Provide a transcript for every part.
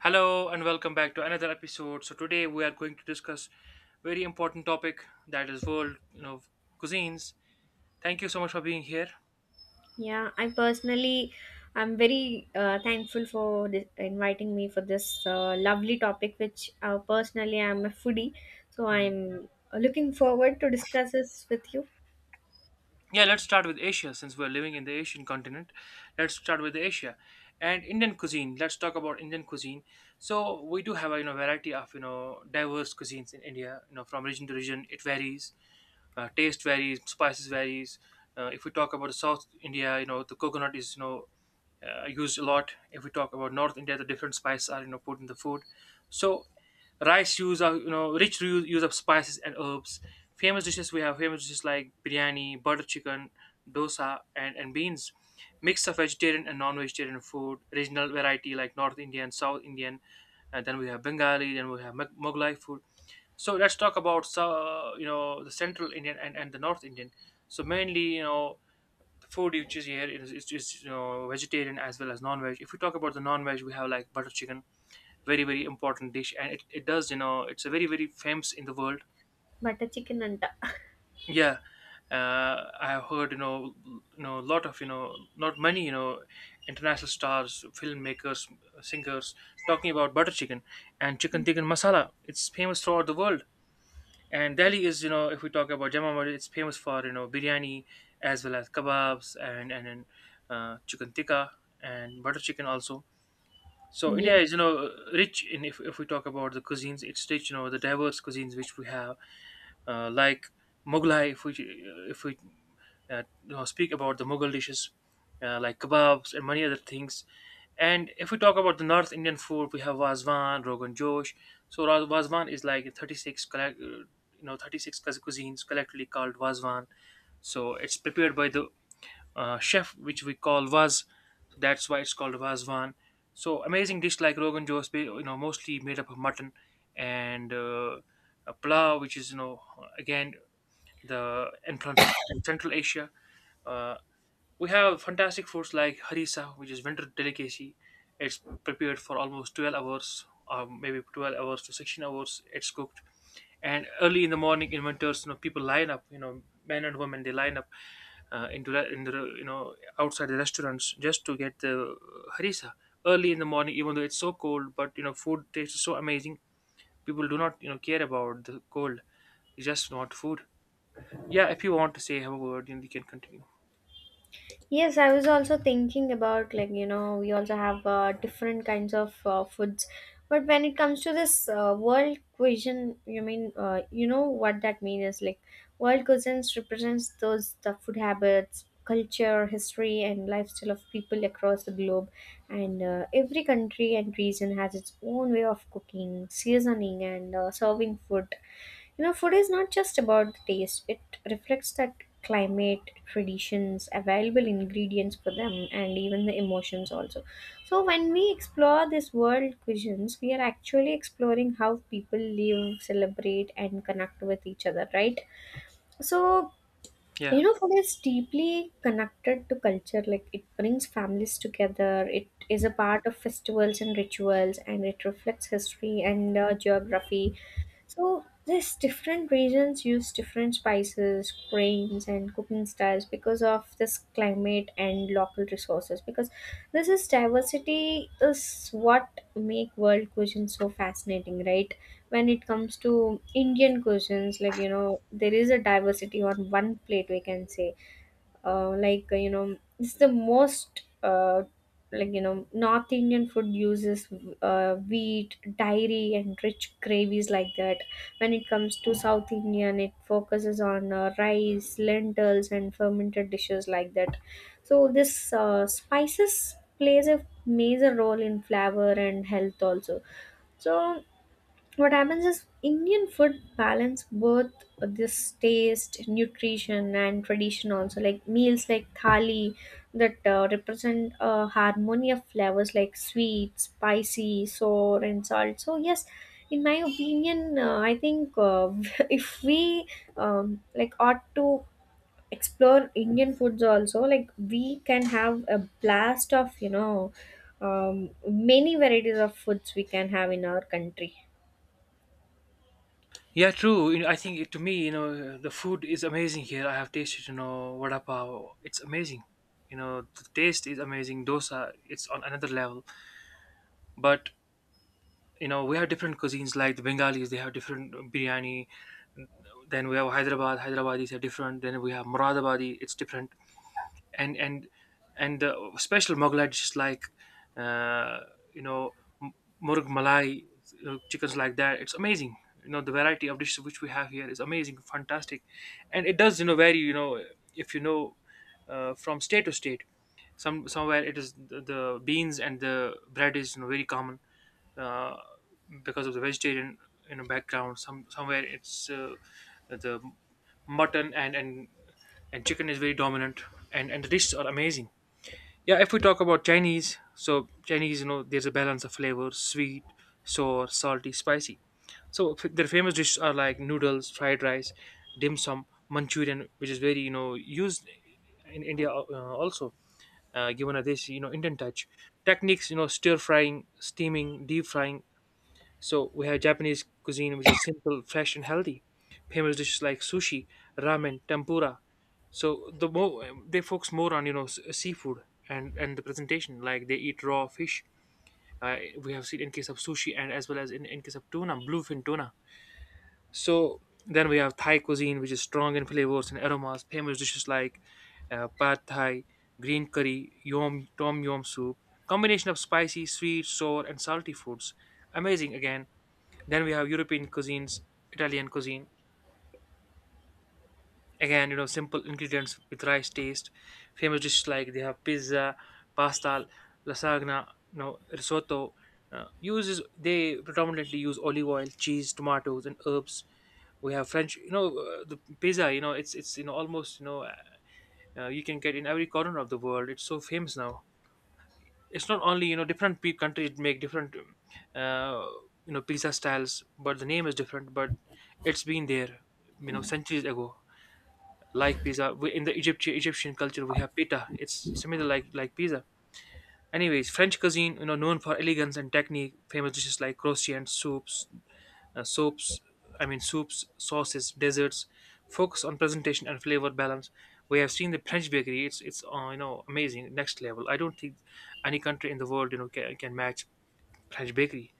Hello and welcome back to another episode. So today we are going to discuss very important topic, that is world, cuisines. Thank you so much for being here. Yeah, I personally, I'm very thankful for this, inviting me for this lovely topic, which personally I'm a foodie, so Mhm. I'm looking forward to discuss this with you. Yeah, let's start with Asia since we're living in the Asian continent. Let's start with Asia and Indian cuisine. Let's talk about Indian cuisine. So we do have a variety of diverse cuisines in India. You know, from region to region it varies. Taste varies, spices varies. If we talk about South India, the coconut is used a lot. If we talk about North India, the different spices are put in the food. So rice, use of rich use of spices and herbs. Famous dishes, we have famous dishes like biryani, butter chicken, dosa, and beans. Mix of vegetarian and non-vegetarian food. Regional variety like North Indian, South Indian, and then we have Bengali, then we have Mughlai food. So let's talk about, you know, the Central Indian and the North Indian. So mainly, you know, the food you choose here is you know, vegetarian as well as non-veg. If we talk about the non-veg, we have like butter chicken, very important dish, and it does, you know, it's a very famous in the world. Butter chicken anta. Yeah. I have heard, you know, you know, a lot of, you know, not many, you know, international stars, filmmakers, singers talking about butter chicken and chicken tikka masala. It's famous throughout the world. And Delhi is, you know, if we talk about Jama Masjid, it's famous for, you know, biryani as well as kebabs and chicken tikka and butter chicken also. So India is, you Yes. know, rich, in if we talk about the cuisines, it's rich, you know, the diverse cuisines which we have, like Mughlai. If we you know, speak about the Mughal dishes, like kebabs and many other things. And if we talk about the North Indian food, we have Vazwan, Rogan Josh. So Vazwan is like 36 collect, you know, 36 cuisines collectively called Vazwan. So it's prepared by the chef which we call Vaz. So that's why it's called Vazwan. So amazing dish like Rogan Josh, you know, mostly made up of mutton, and a plow, which is, you know, again, the entrance is from Central Asia. Uh, we have fantastic foods like harissa, which is winter delicacy. It's prepared for almost 12 hours, maybe 12 hours to 16 hours it's cooked. And early in the morning in winters, you know, people line up, you know, men and women, they line up in the, you know, outside the restaurants just to get the harissa. Early in the morning, even though it's so cold, but, you know, food tastes so amazing. People do not, you know, care about the cold. They just want food. Yeah, if you want to say have a word, you can continue. Yes, I was also thinking about like you know we also have different kinds of foods, but when it comes to this world cuisine, you mean you know what that means is like world cuisines represents those the food habits, culture, history, and lifestyle of people across the globe, and every country and region has its own way of cooking, seasoning, and serving food. You know, food is not just about the taste, it reflects that climate, traditions, available ingredients for them, and even the emotions also. So, when we explore this world cuisines, we are actually exploring how people live, celebrate, and connect with each other, right? So, Yeah you know, food is deeply connected to culture. Like, it brings families together, it is a part of festivals and rituals, and it reflects history and geography, so these different regions use different spices, grains, and cooking styles because of this climate and local resources. Because this is diversity is what make world cuisine so fascinating, right? When it comes to Indian cuisines, like you know, there is a diversity on one plate we can say, like you know it's the most like you know north Indian food uses wheat, dairy and rich gravies like that. When it comes to south Indian, it focuses on rice, lentils and fermented dishes like that. So this, spices plays a major role in flavor and health also. So what happens is Indian food balance both this taste, nutrition and tradition also, like meals like thali that represent a harmony of flavors like sweet, spicy, sour and salt. So yes, in my opinion, I think if we like ought to explore Indian foods also, like we can have a blast of you know many varieties of foods we can have in our country. yeah, true. You know, I think it, to me, you know, the food is amazing here. I have tasted, you know, vada pav. It's amazing. You know, the taste is amazing. Dosa, it's on another level. But you know, we have different cuisines like the Bengalis, they have different biryani. Then we have Hyderabad, Hyderabadis are different. Then we have Muradabadi, it's different. And and and special Mughal dishes like uh, you know, m- murg malai, you know, chickens like that. It's amazing. You know, the variety of dishes which we have here is amazing, fantastic, and it does, you know, vary, you know, if you know from state to state. Some somewhere it is the beans and the bread is, you know, very common, uh, because of the vegetarian, you know, background. Some somewhere it's the mutton and chicken is very dominant, and the dishes are amazing. Yeah, if we talk about Chinese, so Chinese, you know, there's a balance of flavors, sweet, sour, salty, spicy. So their famous dishes are like noodles, fried rice, dim sum, Manchurian, which is very, you know, used in India, also given a this, you know, Indian touch. Techniques, you know, stir frying, steaming, deep frying. So we have Japanese cuisine, which is simple, fresh, and healthy. Famous dishes like sushi, ramen, tempura. So the more they focus more on, you know, seafood and the presentation, like they eat raw fish, we have seen in case of sushi and as well as in case of tuna, bluefin tuna. So then we have Thai cuisine, which is strong in flavors and aromas. Famous dishes like pad thai, green curry, yom tom yum soup. Combination of spicy, sweet, sour, and salty foods. Amazing again. Then we have European cuisines, Italian cuisine. Again, you know, simple ingredients with rice taste. Famous dishes like, they have pizza, pasta, lasagna, you know, risotto. Uses they predominantly use olive oil, cheese, tomatoes, and herbs. We have French, you know, the pizza. You know, it's you know, almost, you know, you can get in every corner of the world. It's so famous now. It's not only, you know, different countries make different uh, you know, pizza styles, but the name is different. But it's been there, you know, centuries ago, like pizza. We, in the Egypt, Egyptian culture, we have pita. It's similar like pizza. Anyways, French cuisine, you know, known for elegance and technique. Famous dishes like croissants, soups, soaps. I mean, soups, sauces, desserts. Focus on presentation and flavor balance. We have seen the French bakery. It's you know, amazing, next level. I don't think any country in the world, you know, can match French bakery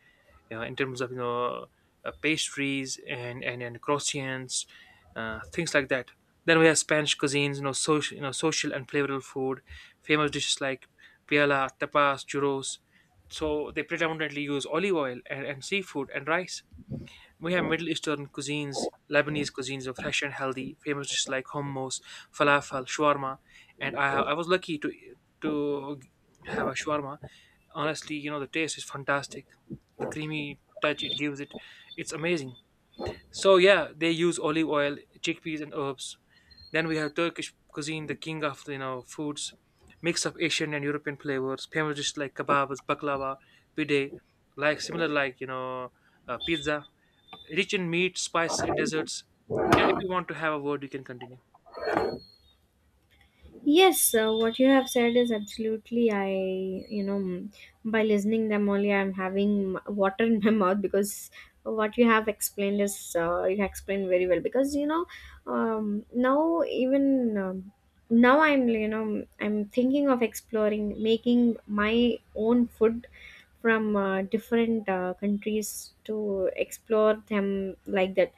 in terms of, you know, pastries and croissants, things like that. Then we have Spanish cuisines, you know, social and flavorful food. Famous dishes like piala, tapas, churros. So they predominantly use olive oil and seafood and rice. We have Middle Eastern cuisines. Lebanese cuisines are fresh and healthy. Famous dishes like hummus, falafel, shawarma. And I was lucky to to have a shawarma. Honestly, you know, the taste is fantastic. The creamy touch it gives it, it's amazing. So yeah, they use olive oil, chickpeas, and herbs. Then we have Turkish cuisine, the king of, you know, foods. Mix of Asian and European flavors. Famous dishes like kebabs, baklava, pide, like similar, like, you know, pizza. Rich in meat, spice, and desserts. Yeah, if you want to have a word, you can continue. Yes, what you have said is absolutely. I, you know, by listening them only, I'm having m- water in my mouth because what you have explained is you have explained very well. Because you know, now even now I'm, you know, I'm thinking of exploring making my own food from different countries to explore them like that.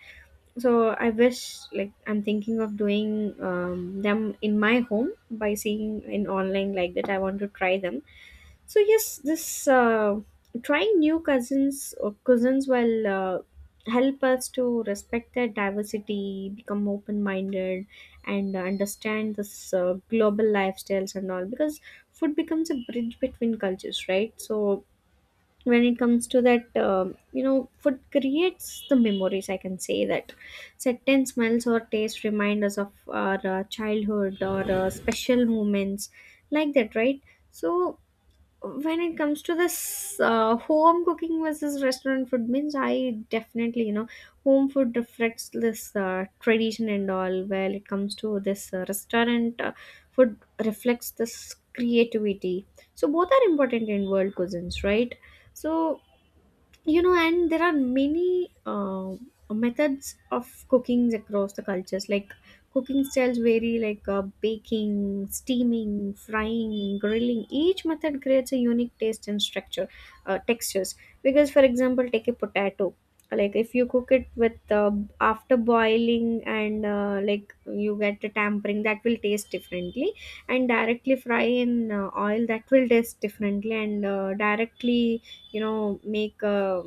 So I wish, like I'm thinking of doing them in my home by seeing in online like that, I want to try them. So yes, this trying new cousins or cousins will help us to respect their diversity, become open-minded and understand this global lifestyles and all, because food becomes a bridge between cultures, right? So when it comes to that, you know food creates the memories, I can say that certain smells or tastes remind us of our childhood or special moments like that, right? So when it comes to this home cooking versus restaurant food means, I definitely you know home food reflects this tradition and all, while it comes to this restaurant food reflects this creativity. So both are important in world cuisines, right? So you know, and there are many methods of cookings across the cultures, like cooking styles vary, like baking, steaming, frying, grilling. Each method creates a unique taste and structure, textures. Because for example, take a potato, like if you cook it with after boiling and like you get a tampering, that will taste differently, and directly fry in oil, that will taste differently, and directly you know make uh,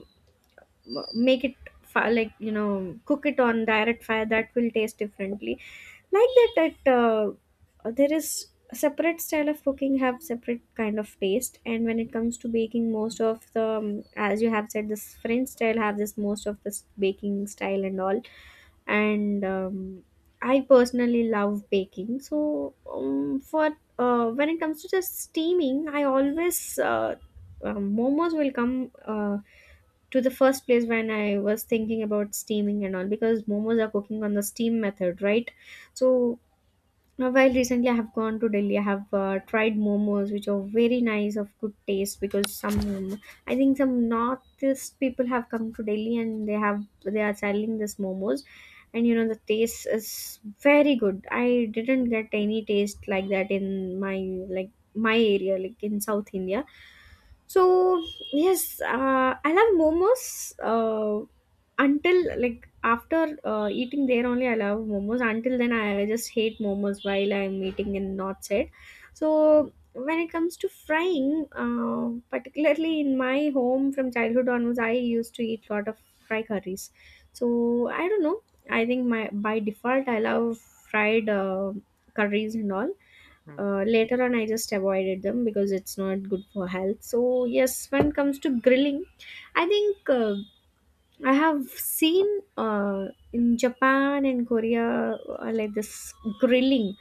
m- make it like you know cook it on direct fire, that will taste differently. Like that, that there is a separate style of cooking, have separate kind of taste. And when it comes to baking, most of the as you have said, this French style have this most of this baking style and all. And I personally love baking. So for when it comes to just steaming, I always momos will come to the first place when I was thinking about steaming and all, because momos are cooking on the steam method, right? So now, while recently I have gone to Delhi, I have tried momos, which are very nice, of good taste, because some, I think some northeast people have come to Delhi and they are selling this momos, and you know the taste is very good. I didn't get any taste like that in my, like my area, like in South India. So yes, I love momos, until like after eating there only I love momos. Until then, I just hate momos while I'm eating in North side. So when it comes to frying, particularly in my home from childhood onwards, I used to eat lot of fry curries. So I don't know. I think my by default I love fried curries and all. Hmm. Later on, I just avoided them because it's not good for health. So yes, when it comes to grilling, I think. I have seen uh, in Japan and Korea like this grilling,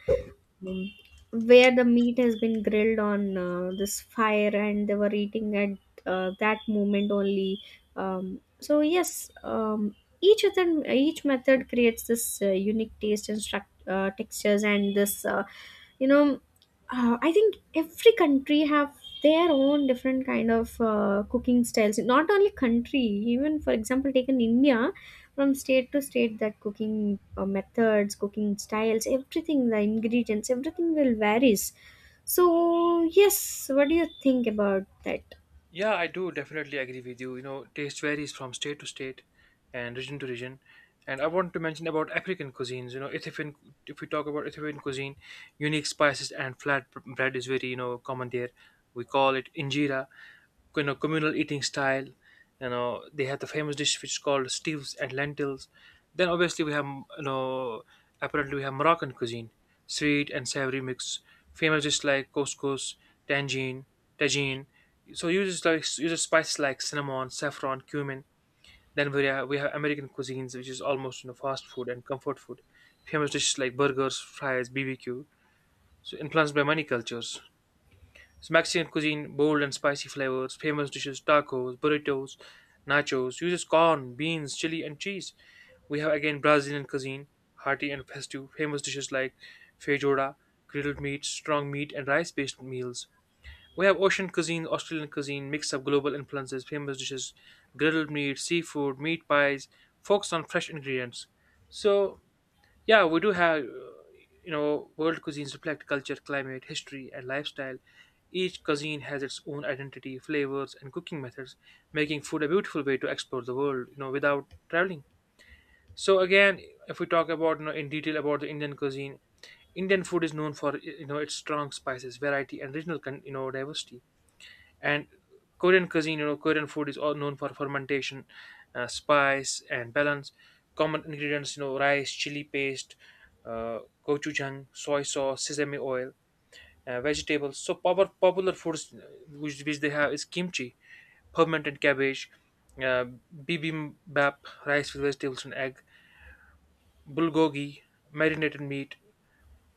um, where the meat has been grilled on this fire and they were eating at that moment only. So yes, each of them, each method creates this unique taste and textures, and this you know I think every country have their own different kind of cooking styles, not only country, even for example taken India, from state to state that cooking methods, cooking styles, everything, the ingredients everything will varies. So yes, what do you think about that? Yeah, I do definitely agree with you. You know, taste varies from state to state and region to region. And I want to mention about African cuisines. You know, Ethiopian, if we talk about Ethiopian cuisine, unique spices and flat bread is very, you know, common there. We call it injera, you know, communal eating style. You know, they have the famous dish which is called stews and lentils. Then obviously we have, you know, apparently we have Moroccan cuisine, sweet and savory mix. Famous dish like couscous, tangine, tagine. So you just like you just spices like cinnamon, saffron, cumin. Then we have American cuisines, which is almost, you know, fast food and comfort food. Famous dishes like burgers, fries, BBQ. So influenced by many cultures. So Mexican cuisine, bold and spicy flavors. Famous dishes: tacos, burritos, nachos. Uses corn, beans, chili, and cheese. We have again Brazilian cuisine, hearty and festive. Famous dishes like feijoada, grilled meat, strong meat, and rice-based meals. We have ocean cuisine, Australian cuisine, mix of global influences. Famous dishes, grilled meat, seafood, meat pies, focus on fresh ingredients. So, yeah, we do have, you know, world cuisines reflect culture, climate, history, and lifestyle. Each cuisine has its own identity, flavors, and cooking methods, making food a beautiful way to explore the world, you know, without traveling. So again, if we talk about, you know, in detail about the Indian cuisine, Indian food is known for, you know, its strong spices, variety, and regional, you know, diversity. And Korean cuisine, you know, Korean food is all known for fermentation, spice, and balance. Common ingredients, you know, rice, chili paste, uh, gochujang, soy sauce, sesame oil, vegetables. So, popular foods which they have is kimchi, fermented cabbage, uh, bibimbap, rice with vegetables and egg, bulgogi, marinated meat,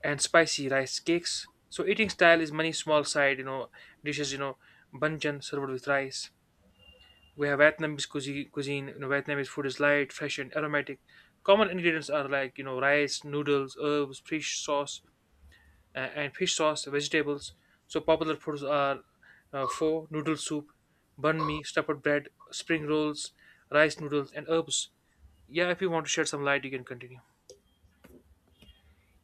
and spicy rice cakes. So, eating style is many small side, you know, dishes, you know, banjan served with rice. We have Vietnamese cuisine. You know, Vietnamese food is light, fresh, and aromatic. Common ingredients are like rice, noodles, herbs, fish sauce, and fish sauce, vegetables. So popular foods are pho, noodle soup, bun mi, stuffed bread, spring rolls, rice noodles, and herbs. Yeah, if you want to shed some light, you can continue.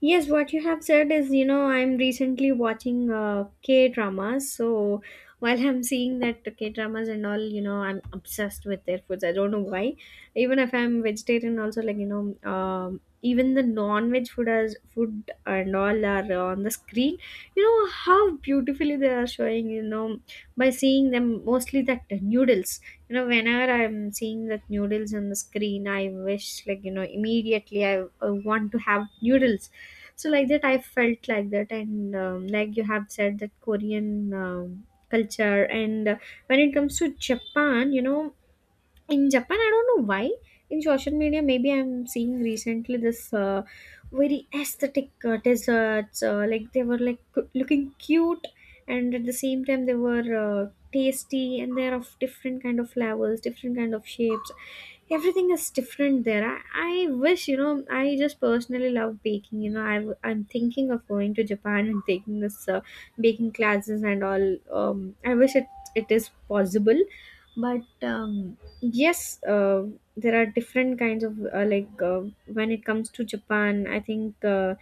Yes, what you have said is, you know, I'm recently watching K dramas. So while I'm seeing that K dramas and all, you know, I'm obsessed with their foods. I don't know why. Even if I'm vegetarian, also like you know, even the non-veg food as food and all are on the screen. You know how beautifully they are showing. You know, by seeing them mostly that noodles. You know, whenever I'm seeing that noodles on the screen, I wish like you know immediately I want to have noodles. So like that I felt like that. And like you have said that Korean culture. And when it comes to Japan, you know, in Japan, I don't know why. In social media, maybe I'm seeing recently this very aesthetic desserts. Like they were like looking cute, and at the same time they were tasty, and they're of different kind of levels, different kind of shapes. Everything is different there. I wish you know. I just personally love baking. You know, I'm thinking of going to Japan and taking this baking classes and all. I wish it it is possible, but. Um, Yes, there are different kinds of like when it comes to Japan, I think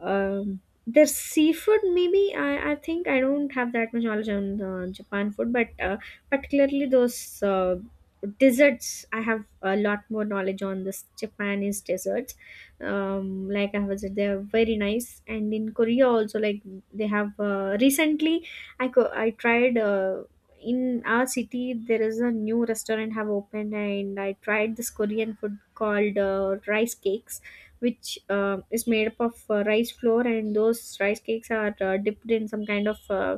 um their seafood maybe I think I don't have that much knowledge on Japan food, but particularly those desserts, I have a lot more knowledge on this Japanese desserts. Like I was, they're very nice. And in Korea also, like they have recently I tried in our city there is a new restaurant have opened, and I tried this Korean food called rice cakes, which is made up of rice flour, and those rice cakes are dipped in some kind of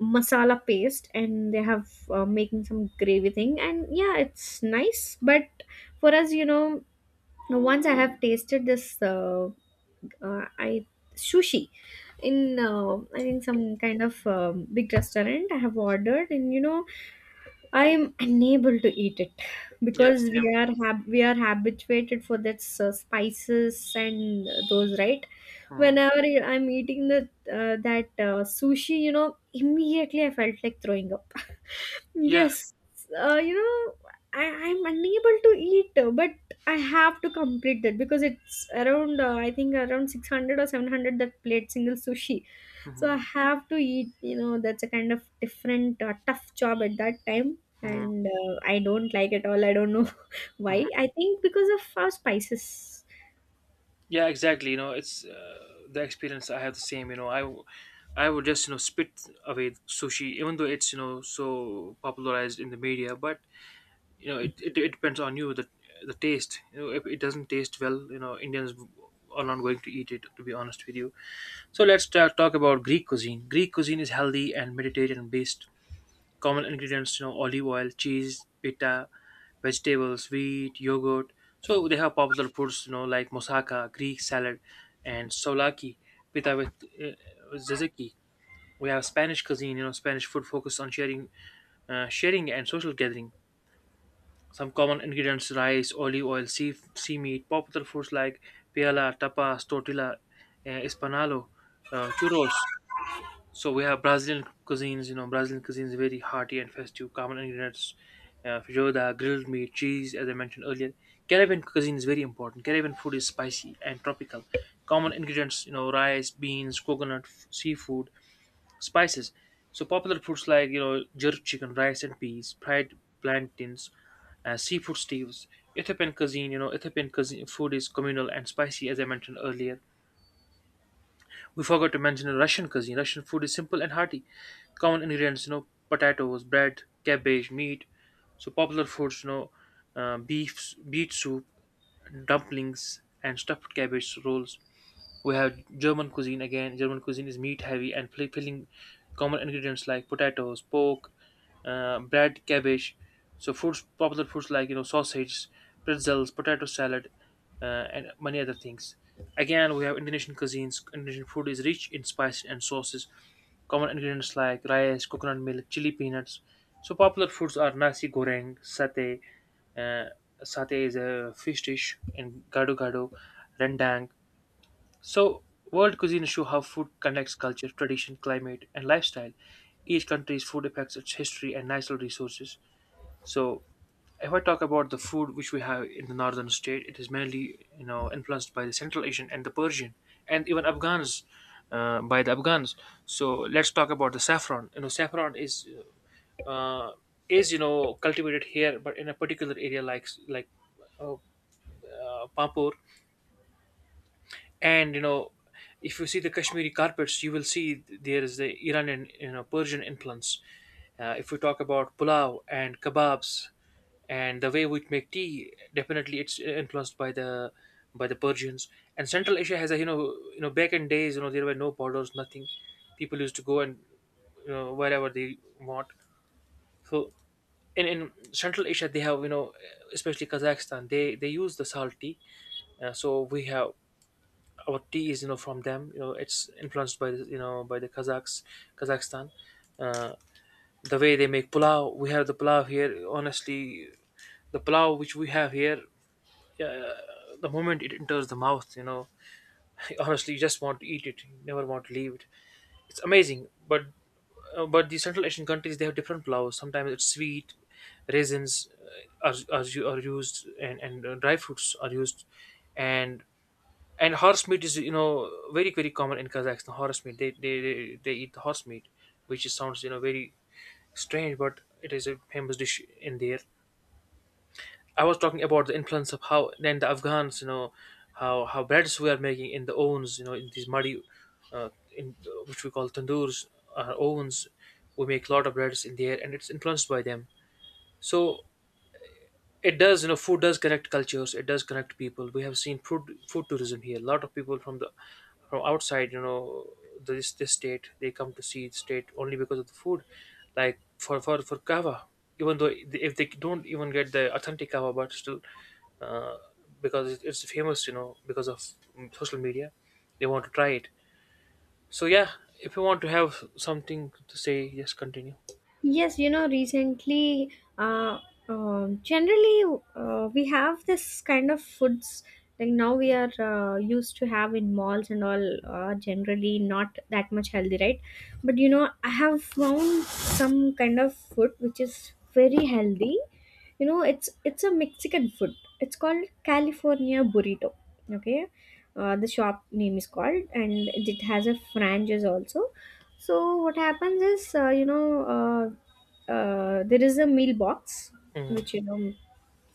masala paste, and they have making some gravy thing, and yeah it's nice. But for us you know, once I have tasted this I sushi in I think some kind of big restaurant I have ordered, and you know I am unable to eat it Yeah, because we same. are we are habituated for that spices and those, right. Hmm. Whenever I'm eating the that sushi, you know, immediately I felt like throwing up. Yeah. Yes, you know, I'm unable to eat, but I have to complete that because it's around I think around 600 or 700 that plate single sushi. So I Mhm. have to eat, you know, that's a kind of different tough job at that time. Mhm. And I don't like it all, I don't know why, I think because of our spices. Yeah, exactly. You know, it's The experience I have the same. I would just spit away sushi, even though it's so popularized in the media. But you know, it depends on you the taste. You know, if it doesn't taste well, you know, are not going to eat it. To be honest with you, so let's talk about Greek cuisine. Greek cuisine is healthy and Mediterranean based. Common ingredients, you know, olive oil, cheese, pita, vegetables, wheat, yogurt. So they have popular foods, you know, like moussaka, Greek salad, and souvlaki, pita with uh, tzatziki. We have Spanish you know, Spanish food focused on sharing, sharing and social gathering. Some common ingredients: rice, olive oil, sea meat. Popular foods like paella, tapas, tortilla, espanalo, churros. So we have Brazilian cuisines. You know, Brazilian cuisines very hearty and festive. Common ingredients: feijoada, grilled meat, cheese, as I mentioned earlier. Caribbean cuisine is very important. Caribbean food is spicy and tropical. Common ingredients: you know, rice, beans, coconut, seafood, spices. So popular foods like you know jerk chicken, rice and peas, fried plantains, seafood stews. Ethiopian cuisine, you know, Ethiopian cuisine food is communal and spicy, as I mentioned earlier. We forgot to mention Russian cuisine. Russian food is simple and hearty. Common ingredients, you know, potatoes, bread, cabbage, meat. So popular foods, you know, beet soup, dumplings, and stuffed cabbage rolls. We have German cuisine again. German cuisine is meat heavy and filling common ingredients like potatoes, pork, bread, cabbage. So popular foods like you know sausage, pretzels, potato salad, and many other things. Again, we have Indonesian cuisines. Indonesian food is rich in spices and sauces. Common ingredients like rice, coconut milk, chili peanuts. So popular foods are nasi goreng, satay. Uh, Satay is a fish dish, and gado gado, rendang so, world cuisine show how food connects culture, tradition, climate, and lifestyle. Each country's food affects its history and natural resources. So, if I talk about the food which we have in the northern state, it is mainly you know influenced by the Central Asian and the Persian and even Afghans, by the Afghans. So let's talk about the saffron. You know, saffron is uh, you know cultivated here, but in a particular area like uh, Pampur and you know if you see the Kashmiri carpets you will see there is the Iranian you know Persian influence. If we talk about pulao and kebabs and the way we make tea, definitely it's influenced by the Persians and Central Asia has a you know back in days you know there were no borders nothing. People used to go and you know wherever they want. So in Central Asia they have you know especially Kazakhstan they use the salt tea. So we have our tea is you know from them you know it's influenced by the you know by the Kazakhs, Kazakhstan. uh, the way they make pulao we have the pulao here honestly. The pulao which we have here the moment it enters the mouth, you know, honestly you just want to eat it, you never want to leave it. It's amazing. But the Central Asian countries they have different pulaos, sometimes it's sweet. Raisins are used, and dry fruits are used. and And horse meat is, you know, very, very common in Kazakhstan. Horse meat, they eat the horse meat, which is, sounds, you know, very strange, but it is a famous dish in there. I was talking about the influence of how then the Afghans, you know, how breads we are making in the ovens, you know, in these muddy, uh, in which we call tandoors, ovens. We make a lot of breads in there, and it's influenced by them. So it does, you know, food does connect cultures. It does connect people. We have seen food tourism here. A lot of people from the from outside, you know, this state, they come to see the state only because of the food. Like for kava, even though if they don't even get the authentic kava, but still, uh, because it's famous, you know, because of social media, they want to try it. So yeah, if you want to have something to say, just continue. Yes, you know, recently, uh, generally, we have this kind of foods. Like now, we are used to have in malls and all. Generally, not that much healthy, right? But you know, I have found some kind of food which is very healthy. You know, it's a Mexican food. It's called California burrito. Okay, the shop name is called, and it has a franchise also. So what happens is, there is a meal box Mm-hmm. which you know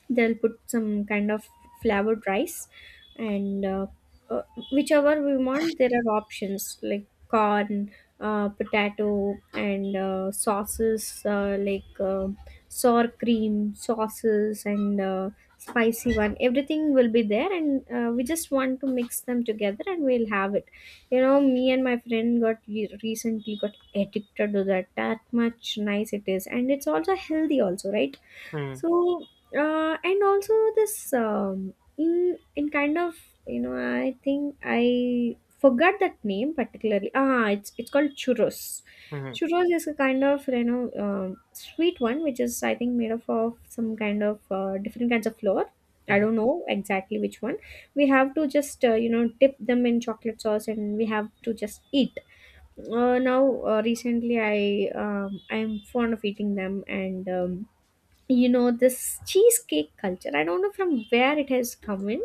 they'll put some kind of flavored rice and uh, whichever we want. There are options like corn, potato, and sauces, like sour cream sauces and spicy one. Everything will be there, and we just want to mix them together and we'll have it. You know, me and my friend got recently got addicted to that. That much nice it is, and it's also healthy also, right? Mm-hmm. So and also this in kind of, you know, I think I forgot that name particularly. Ah, it's called churros. Mm-hmm. Churros is a kind of, you know, sweet one which is, I think, made up of some kind of different kinds of flour. I don't know exactly which one. We have to just you know, dip them in chocolate sauce and we have to just eat. Now, recently I I'm fond of eating them. And you know, this cheesecake culture, I don't know from where it has come in.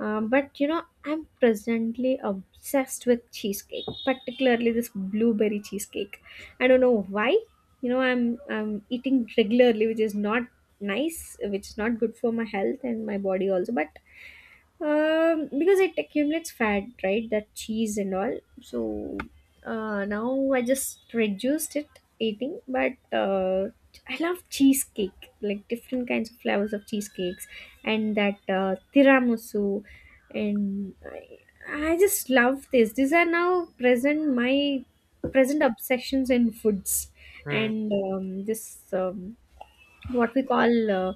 But you know, I'm presently obsessed with cheesecake, particularly this blueberry cheesecake. I don't know why. You know, I'm eating regularly, which is not nice, which is not good for my health and my body also. But because it accumulates fat, right, that cheese and all. So now I just reduced it eating. But I love cheesecake, like different kinds of flavors of cheesecakes, and that tiramisu. And I just love this. These are now present my present obsessions in foods. Mm-hmm. And this what we call,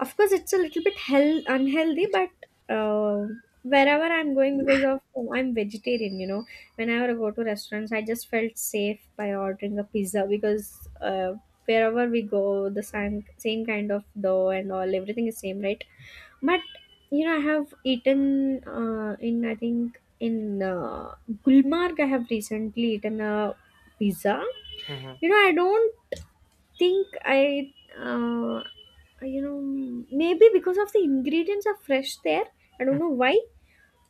of course it's a little bit hell unhealthy. But uh, wherever I'm going, because of, oh, I'm vegetarian, you know, whenever I go to restaurants, I just felt safe by ordering a pizza. Because wherever we go, the same kind of dough and all, everything is same, right? But you know, I have eaten, in I think in Gulmarg, I have recently eaten a pizza. Mm-hmm. You know, I don't think I uh, you know, maybe because of the ingredients are fresh there, I don't know why,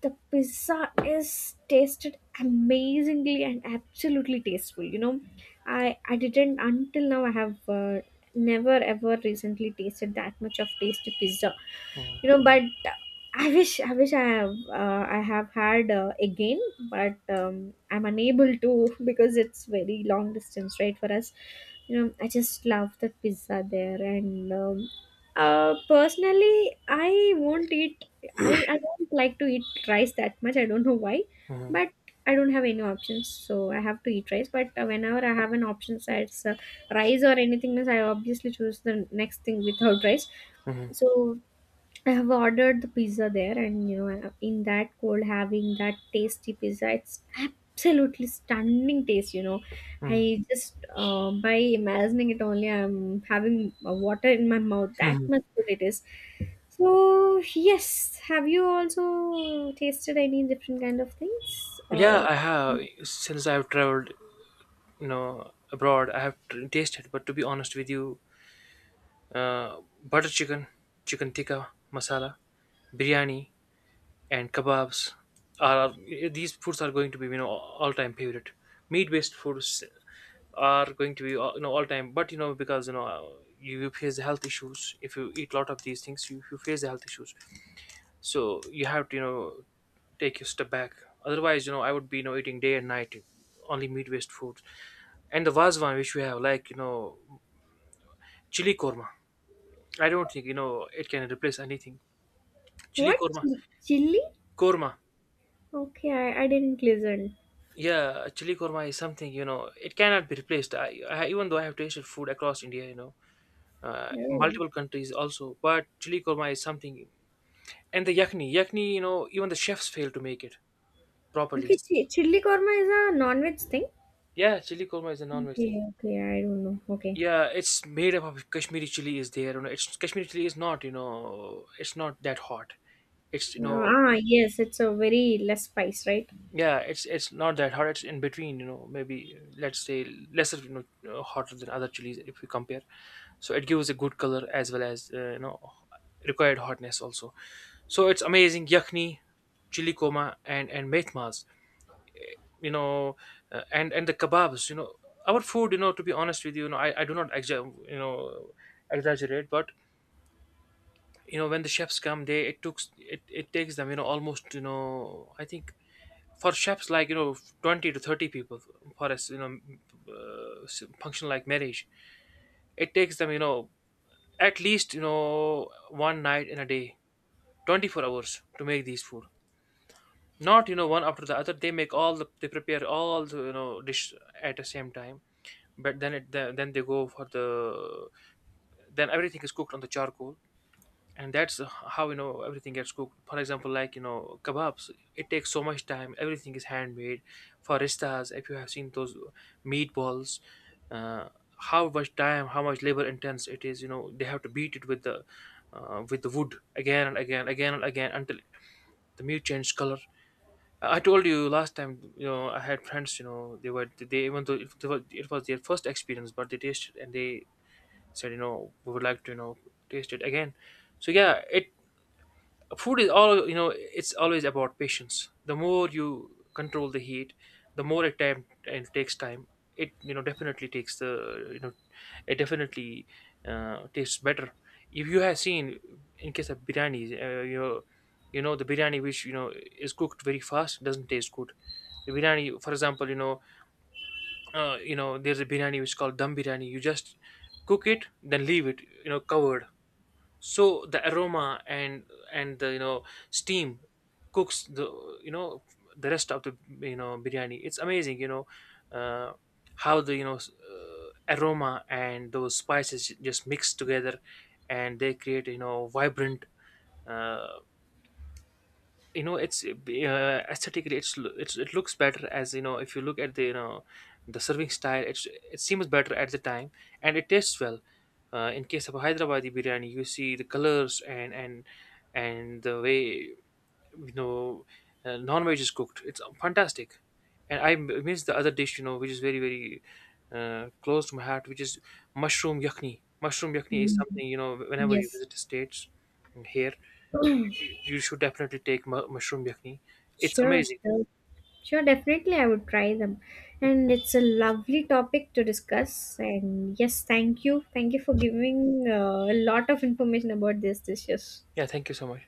the pizza is tasted amazingly and absolutely tasteful. You know, I didn't, until now I have never ever recently tasted that much of tasty pizza. Mm-hmm. You know, but I wish I have I have had, again. But I'm unable to because it's very long distance, right, for us. You know, I just love the pizza there. And personally, I won't eat. I don't like to eat rice that much. I don't know why. Mm-hmm. But I don't have any options, so I have to eat rice. But whenever I have an option, so it's rice or anything else, I obviously choose the next thing without rice. Mm-hmm. So I have ordered the pizza there, and you know, in that cold, having that tasty pizza, it's absolutely stunning taste. You know, Mm. I just by imagining it only, I'm having water in my mouth. That Mhm. much good it is. So yes, have you also tasted any different kind of things? Yeah, I have. Since I've traveled, you know, abroad, I have tasted. But to be honest with you, butter chicken, chicken tikka masala, biryani, and kebabs are these foods are going to be you know all time favorite. Meat based foods are going to be you know all time. But you know because you know you face the health issues if you eat a lot of these things, you face the health issues. So you have to you know take your step back, otherwise you know I would be you know eating day and night only meat based foods. And the vazwan which we have like you know chili korma, I don't think you know it can replace anything. Chili what, korma. Chili? Korma. Okay, I didn't listen. Yeah, chili korma is something you know it cannot be replaced. I even though I have tasted food across India, you know, No. multiple countries also, but chili korma is something. And the yakni you know even the chefs fail to make it properly. Okay, chili korma is a non-veg thing. Yeah, chili korma is a non-veg thing. Okay, okay, I don't know. Okay. Yeah, it's made up of Kashmiri chili is there. You know, it's Kashmiri chili is not, you know, it's not that hot. It's, you know, ah, yes, it's a very less spice, right? yeah, it's not that hot. It's in between, you know, maybe let's say lesser, you know, hotter than other chilies if we compare. So it gives a good color as well as, you know, required hotness also. So it's amazing yakhni, chili koma, and methmas. You know, and the kebabs. You know, our food. You know, to be honest with you, you know, I do not you know exaggerate, but you know when the chefs come they it took it takes them you know almost you know I think for chefs like you know 20 to 30 people for us you know function like marriage it takes them you know at least you know one night in a day 24 hours to make these food. Not you know one after the other they make all the they prepare all the you know dish at the same time but then it then they go for the then everything is cooked on the charcoal and that's how you know everything gets cooked for example like you know kebabs it takes so much time, everything is handmade. For faristas if you have seen those meatballs, uh, how much time how much labor intense it is, you know they have to beat it with the wood again and again until the meat changed color. I told you last time you know I had friends you know they were they even though it was their first experience but they tasted and they said you know we would like to you know taste it again. So yeah it food is all you know it's always about patience. The more you control the heat the more it time and takes time, it you know definitely takes the you know it definitely tastes better. If you have seen in case of biryani you know the biryani which you know is cooked very fast doesn't taste good. The biryani for example you know there's a biryani which is called dum biryani, you just cook it then leave it you know covered. So the aroma and the you know steam cooks the you know the rest of the you know biryani, it's amazing you know uh, how the aroma and those spices just mix together and they create you know vibrant uh, you know it's aesthetically it's, it's it looks better as you know if you look at the you know the serving style, it's it seems better at the time and it tastes well. In case of a Hyderabadi biryani you see the colors and the way you know non-veg is cooked, it's fantastic. And I miss the other dish you know which is very very close to my heart, which is mushroom yakni. Mushroom yakni is Mm. something you know whenever you Yes, visit the states here you should definitely take mushroom yakni. It's sure, amazing. sure, sure. Definitely, I would try them. And it's a lovely topic to discuss. And yes, thank you for giving a lot of information about these dishes. Yeah, thank you so much.